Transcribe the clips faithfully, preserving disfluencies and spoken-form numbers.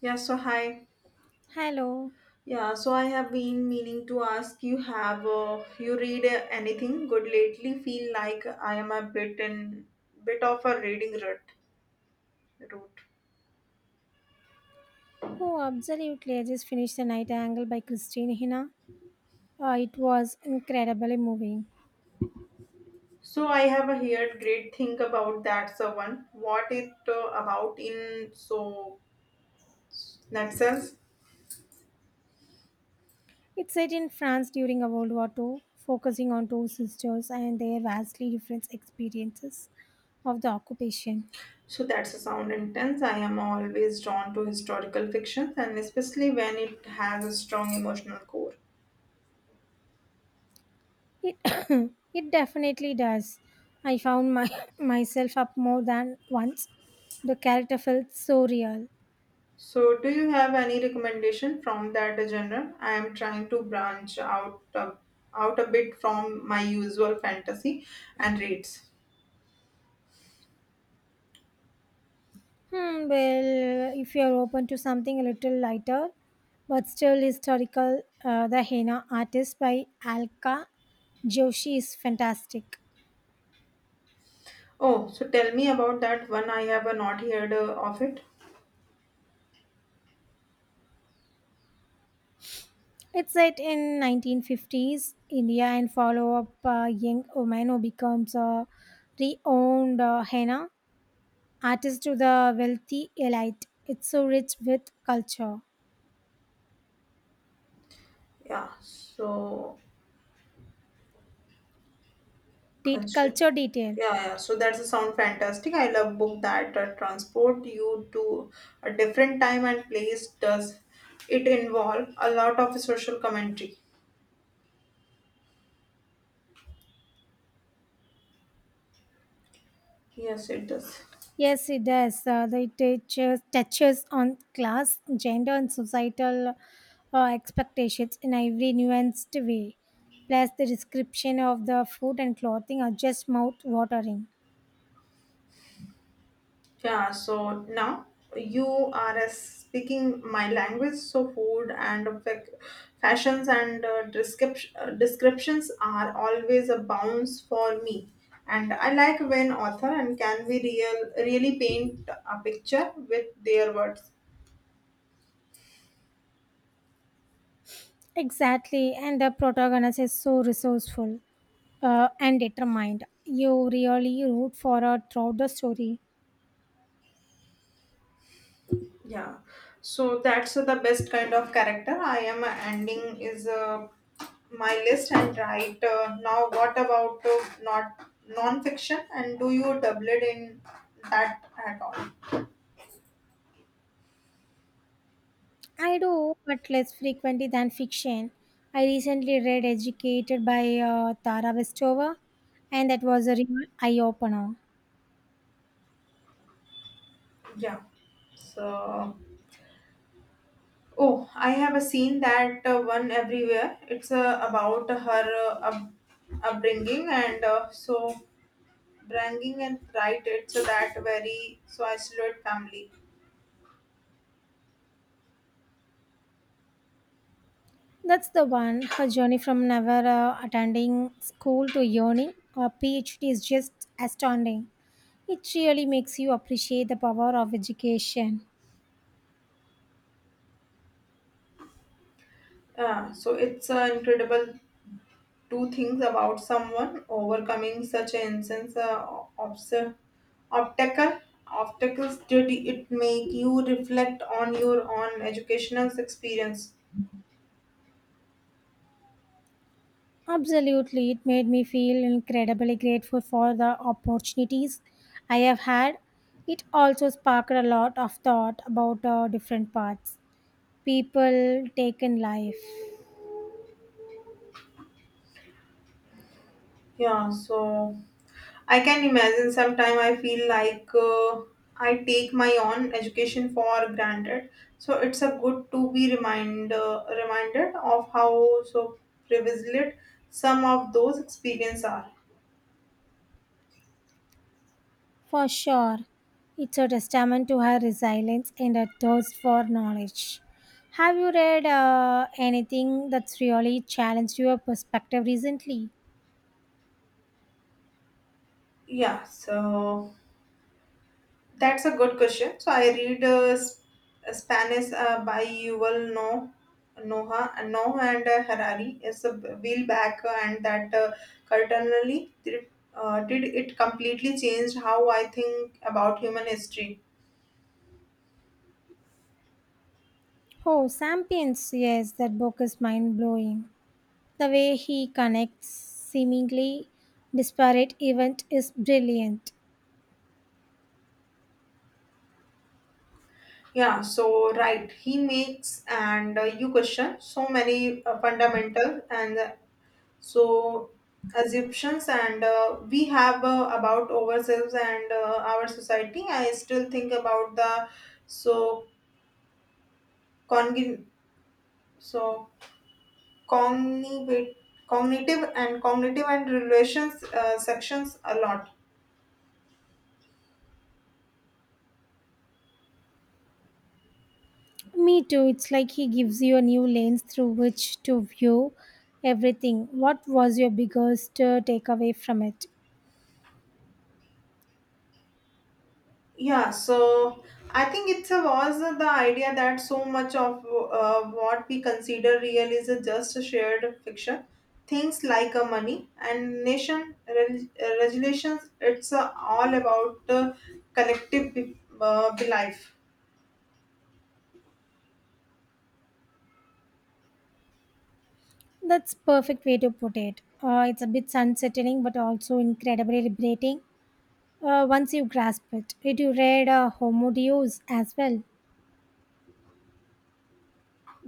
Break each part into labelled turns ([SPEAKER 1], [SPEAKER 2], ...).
[SPEAKER 1] Yeah, so hi.
[SPEAKER 2] Hello.
[SPEAKER 1] Yeah, so I have been meaning to ask you have uh, you read uh, anything good lately? Feel like I am a bit in bit of a reading rut route.
[SPEAKER 2] Oh, absolutely. I just finished The Night Angle by Christine Hina. Uh, it was incredibly moving.
[SPEAKER 1] So I have a heard great thing about that so one. What it uh, about in so nutshell?
[SPEAKER 2] It's set in France during a World War Two, focusing on two sisters and their vastly different experiences of the occupation.
[SPEAKER 1] So that's a sound intense. I am always drawn to historical fictions and especially when it has a strong emotional core.
[SPEAKER 2] It, it definitely does. I found my, myself up more than once. The character felt so real.
[SPEAKER 1] So, do you have any recommendation from that genre? I am trying to branch out a, out a bit from my usual fantasy and reads.
[SPEAKER 2] Hmm, well, if you are open to something a little lighter, but still historical, uh, the henna artist by Alka Joshi is fantastic.
[SPEAKER 1] Oh, so tell me about that one. I have uh, not heard uh, of it.
[SPEAKER 2] It's set in nineteen fifties India and follow up a young woman who becomes a renowned uh, henna artist to the wealthy elite. It's so rich with culture,
[SPEAKER 1] Yeah. So,
[SPEAKER 2] de-
[SPEAKER 1] constru-
[SPEAKER 2] culture detail.
[SPEAKER 1] yeah, yeah. So that's a sound fantastic. I love book that uh, transport you to a different time and place. Does it involve a lot of social commentary? Yes, it does.
[SPEAKER 2] Yes, it does. Uh, it touches, touches on class, gender, and societal uh, expectations in every nuanced way. Plus, the description of the food and clothing are just mouth watering.
[SPEAKER 1] Yeah, so now you are uh, speaking my language, so food and fac- fashions and uh, description, uh, descriptions are always a bounce for me. And I like when author and can we real really paint a picture with their words.
[SPEAKER 2] Exactly, and the protagonist is so resourceful uh, and determined. You really root for her throughout the story.
[SPEAKER 1] Yeah, so that's the best kind of character. I am ending is uh, my list and right uh, now. What about uh, not non-fiction and do you double it in that at all?
[SPEAKER 2] I do, but less frequently than fiction. I recently read Educated by uh, Tara Westover, and that was a real eye opener.
[SPEAKER 1] Yeah. So, oh, I have a scene that uh, one everywhere. It's uh, about her uh, up- upbringing and uh, so bringing and right. It's uh, that very so isolate family.
[SPEAKER 2] That's the one. Her journey from never uh, attending school to earning a PhD is just astounding. It really makes you appreciate the power of education.
[SPEAKER 1] Uh, so it's uh, incredible two things about someone overcoming such an instance uh, obs- obstacle obstacles. Did it make you reflect on your own educational experience?
[SPEAKER 2] Absolutely, it made me feel incredibly grateful for the opportunities I have had. It also sparked a lot of thought about uh, different paths. People take in life.
[SPEAKER 1] Yeah, so I can imagine. Sometime I feel like uh, I take my own education for granted, so it's a good to be remind, uh, reminded of how so privileged some of those experiences are.
[SPEAKER 2] For sure, it's a testament to her resilience and her thirst for knowledge. Have you read uh, anything that's really challenged your perspective recently?
[SPEAKER 1] Yeah, so that's a good question. So I read uh, Sp- uh, Spanish uh, by Yuval No, Noah, and Noah and uh, Harari. It's a wheel back, uh, and that uh, currently did, uh, did it completely changed how I think about human history.
[SPEAKER 2] Oh, Sapiens, yes, that book is mind blowing. The way he connects seemingly disparate events is brilliant.
[SPEAKER 1] Yeah. So right, he makes and uh, you question so many uh, fundamental and uh, so assumptions and uh, we have uh, about ourselves and uh, our society. I still think about the so congin so cognitive cognitive and cognitive and relations uh, sections a lot.
[SPEAKER 2] Me too. It's like he gives you a new lens through which to view everything. What was your biggest uh, takeaway from it?
[SPEAKER 1] Yeah, so I think it was the idea that so much of uh, what we consider real is just a shared fiction. Things like uh, money and nation reg- uh, regulations, it's uh, all about uh, collective be- uh, belief.
[SPEAKER 2] That's perfect way to put it. Uh, it's a bit unsettling, but also incredibly liberating. Uh, once you grasp it, did you read uh, Homo Deus as well?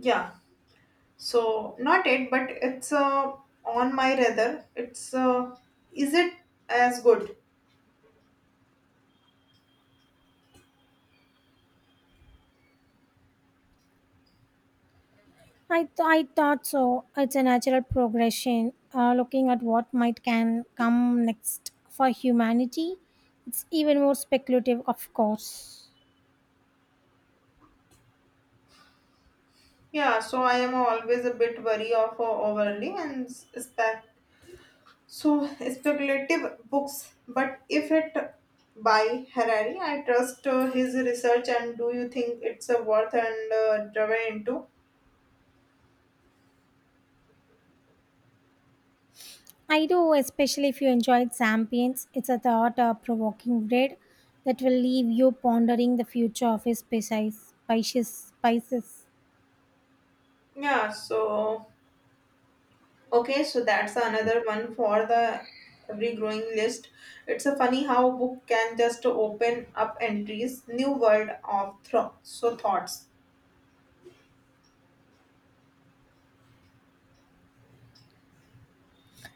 [SPEAKER 1] Yeah, so not it, but it's uh, on my rather. It's uh, is it as good?
[SPEAKER 2] I th- I thought so. It's a natural progression. Uh, looking at what might can come next for humanity, it's even more speculative, of course.
[SPEAKER 1] Yeah, so I am always a bit wary of uh, overly and s- So speculative books, but if it by Harari, I trust uh, his research. And do you think it's a worth and uh, driven into?
[SPEAKER 2] I do, especially if you enjoyed champions. It's a thought uh, provoking bread that will leave you pondering the future of his species, species, spices.
[SPEAKER 1] Yeah. So okay, so that's another one for the every growing list. It's a funny how book can just open up entries, new world of thro- so thoughts.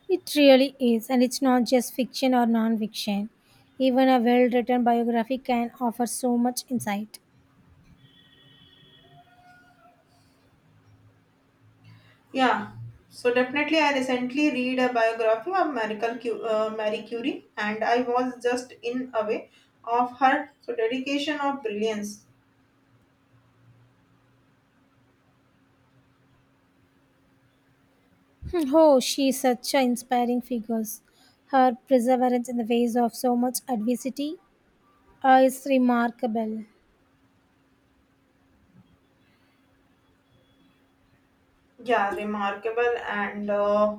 [SPEAKER 2] It really is, and it's not just fiction or non fiction. Even a well written biography can offer so much insight.
[SPEAKER 1] Yeah, so definitely, I recently read a biography of Marie Curie, uh, Marie Curie, and I was just in awe of her so dedication of brilliance.
[SPEAKER 2] Hmm. Oh, she is such an inspiring figure. Her perseverance in the face of so much adversity uh, is remarkable.
[SPEAKER 1] Yeah, remarkable, and uh,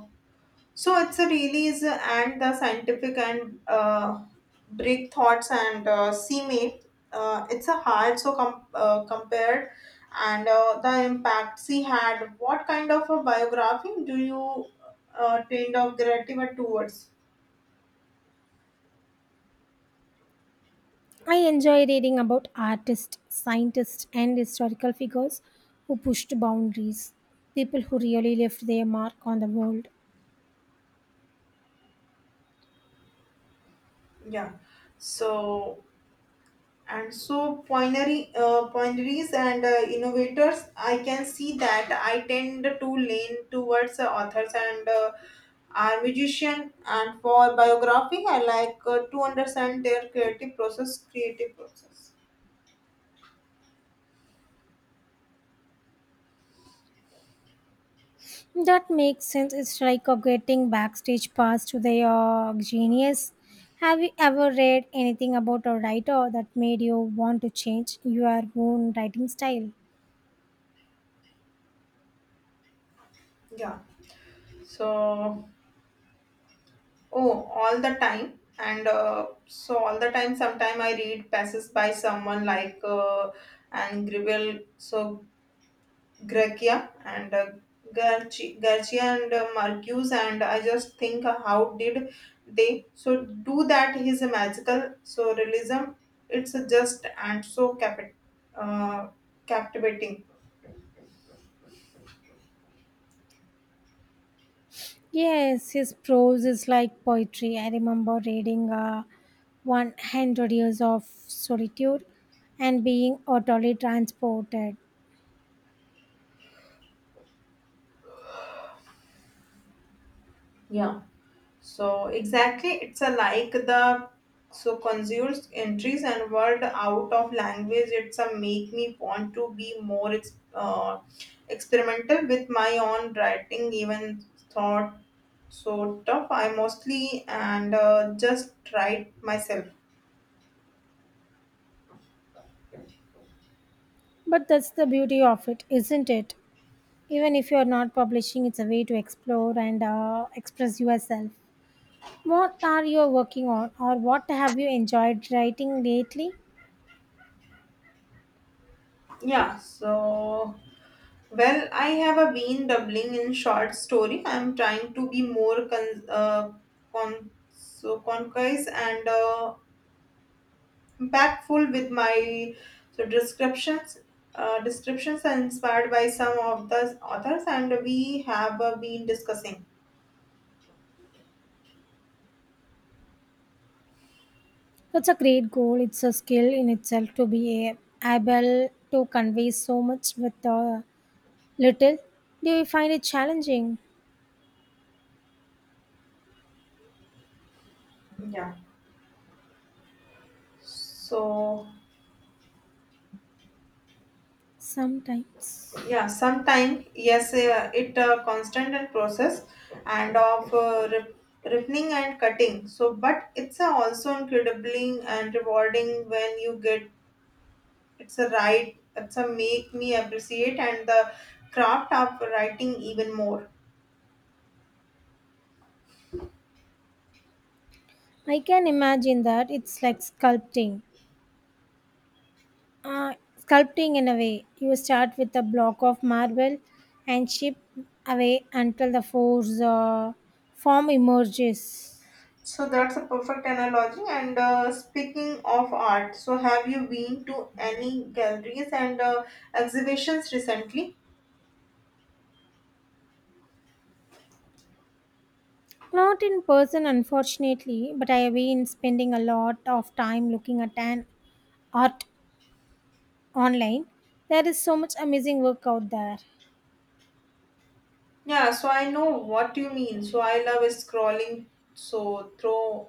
[SPEAKER 1] so it's a release and the scientific and uh, break thoughts and uh, see made. Uh, it's a hard so com- uh, compared and uh, the impact she had. What kind of a biography do you uh, tend of gratitude towards?
[SPEAKER 2] I enjoy reading about artists, scientists, and historical figures who pushed boundaries, people who really left their mark on the world.
[SPEAKER 1] Yeah. So and so pioneering uh, pioneers and uh, innovators, I can see that I tend to lean towards uh, authors and uh, are musician. And for biography, I like uh, to understand their creative process, creative process.
[SPEAKER 2] That makes sense. It's like a getting backstage pass to their genius. Have you ever read anything about a writer that made you want to change your own writing style?
[SPEAKER 1] Yeah. So oh, all the time. And uh, so all the time, sometime I read passes by someone like uh, and Gribble. So Gracia and uh, Garci, Garcia and uh, Marcus and I just think uh, how did they so do that? His magical so realism it's just and so cap- uh, captivating.
[SPEAKER 2] Yes, his prose is like poetry. I remember reading uh, one hundred Years of Solitude and being utterly transported.
[SPEAKER 1] Yeah. So exactly, it's a like the so consumes entries and word out of language. It's a make me want to be more ex- uh, experimental with my own writing, even thought sort of. I mostly and uh, just write myself.
[SPEAKER 2] But that's the beauty of it, isn't it? Even if you're not publishing, it's a way to explore and uh, express yourself. What are you working on, or what have you enjoyed writing lately?
[SPEAKER 1] Yeah. So well, I have a been doubling in short story. I'm trying to be more con, uh, con so concise and. Uh, impactful with my so descriptions uh, descriptions are inspired by some of the authors and we have uh, been discussing.
[SPEAKER 2] That's a great goal. It's a skill in itself to be a- able to convey so much with uh, little, do you find it challenging?
[SPEAKER 1] Yeah, so
[SPEAKER 2] Sometimes.
[SPEAKER 1] yeah, sometime yes, uh, it uh, constant and process and of uh, rip- ripening and cutting, so but it's uh, also incredibly and rewarding when you get it's a right. It's a make me appreciate and the craft of writing even more.
[SPEAKER 2] I can imagine that it's like sculpting. Uh, sculpting in a way. You start with a block of marble and chip away until the force, uh, form emerges.
[SPEAKER 1] So that's a perfect analogy. And uh, speaking of art, so have you been to any galleries and uh, exhibitions recently?
[SPEAKER 2] Not in person, unfortunately, but I have been spending a lot of time looking at an art online. There is so much amazing work out there.
[SPEAKER 1] Yeah, so I know what you mean. So I love scrolling so through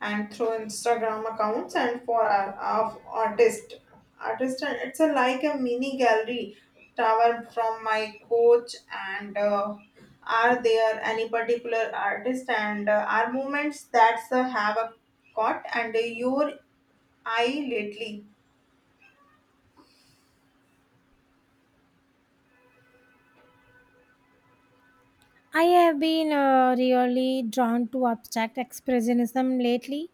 [SPEAKER 1] and through Instagram accounts and for our, of artist artist and it's a, like a mini gallery tower from my coach. And uh, are there any particular artist and uh, are movements that uh, have a caught and uh, your eye lately?
[SPEAKER 2] I have been uh, really drawn to abstract expressionism lately.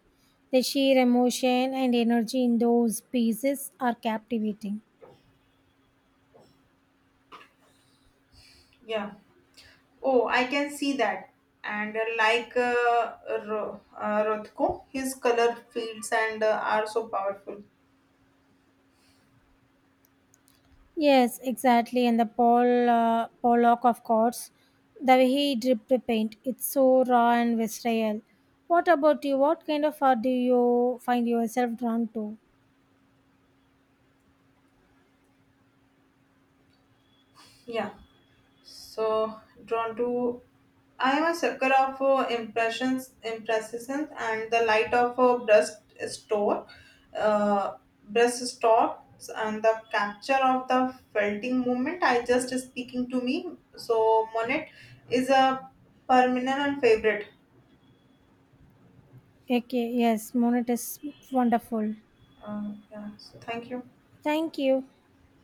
[SPEAKER 2] The sheer emotion and energy in those pieces are captivating.
[SPEAKER 1] Yeah. Oh, I can see that. And uh, like uh, Ro- uh, Rothko, his color fields and uh, are so powerful.
[SPEAKER 2] Yes, exactly. And the Paul uh, Pollock, of course, the way he dripped the paint, it's so raw and visceral. What about you? What kind of art do you find yourself drawn to?
[SPEAKER 1] Yeah. So drawn to I am a sucker of uh, impressions, impressions, and the light of a breast store, uh, breast stops, and the capture of the felting movement. I just speaking to me. So Monet is a permanent and favorite.
[SPEAKER 2] Okay, yes, Monet is wonderful.
[SPEAKER 1] Uh, yeah. So thank you.
[SPEAKER 2] Thank you.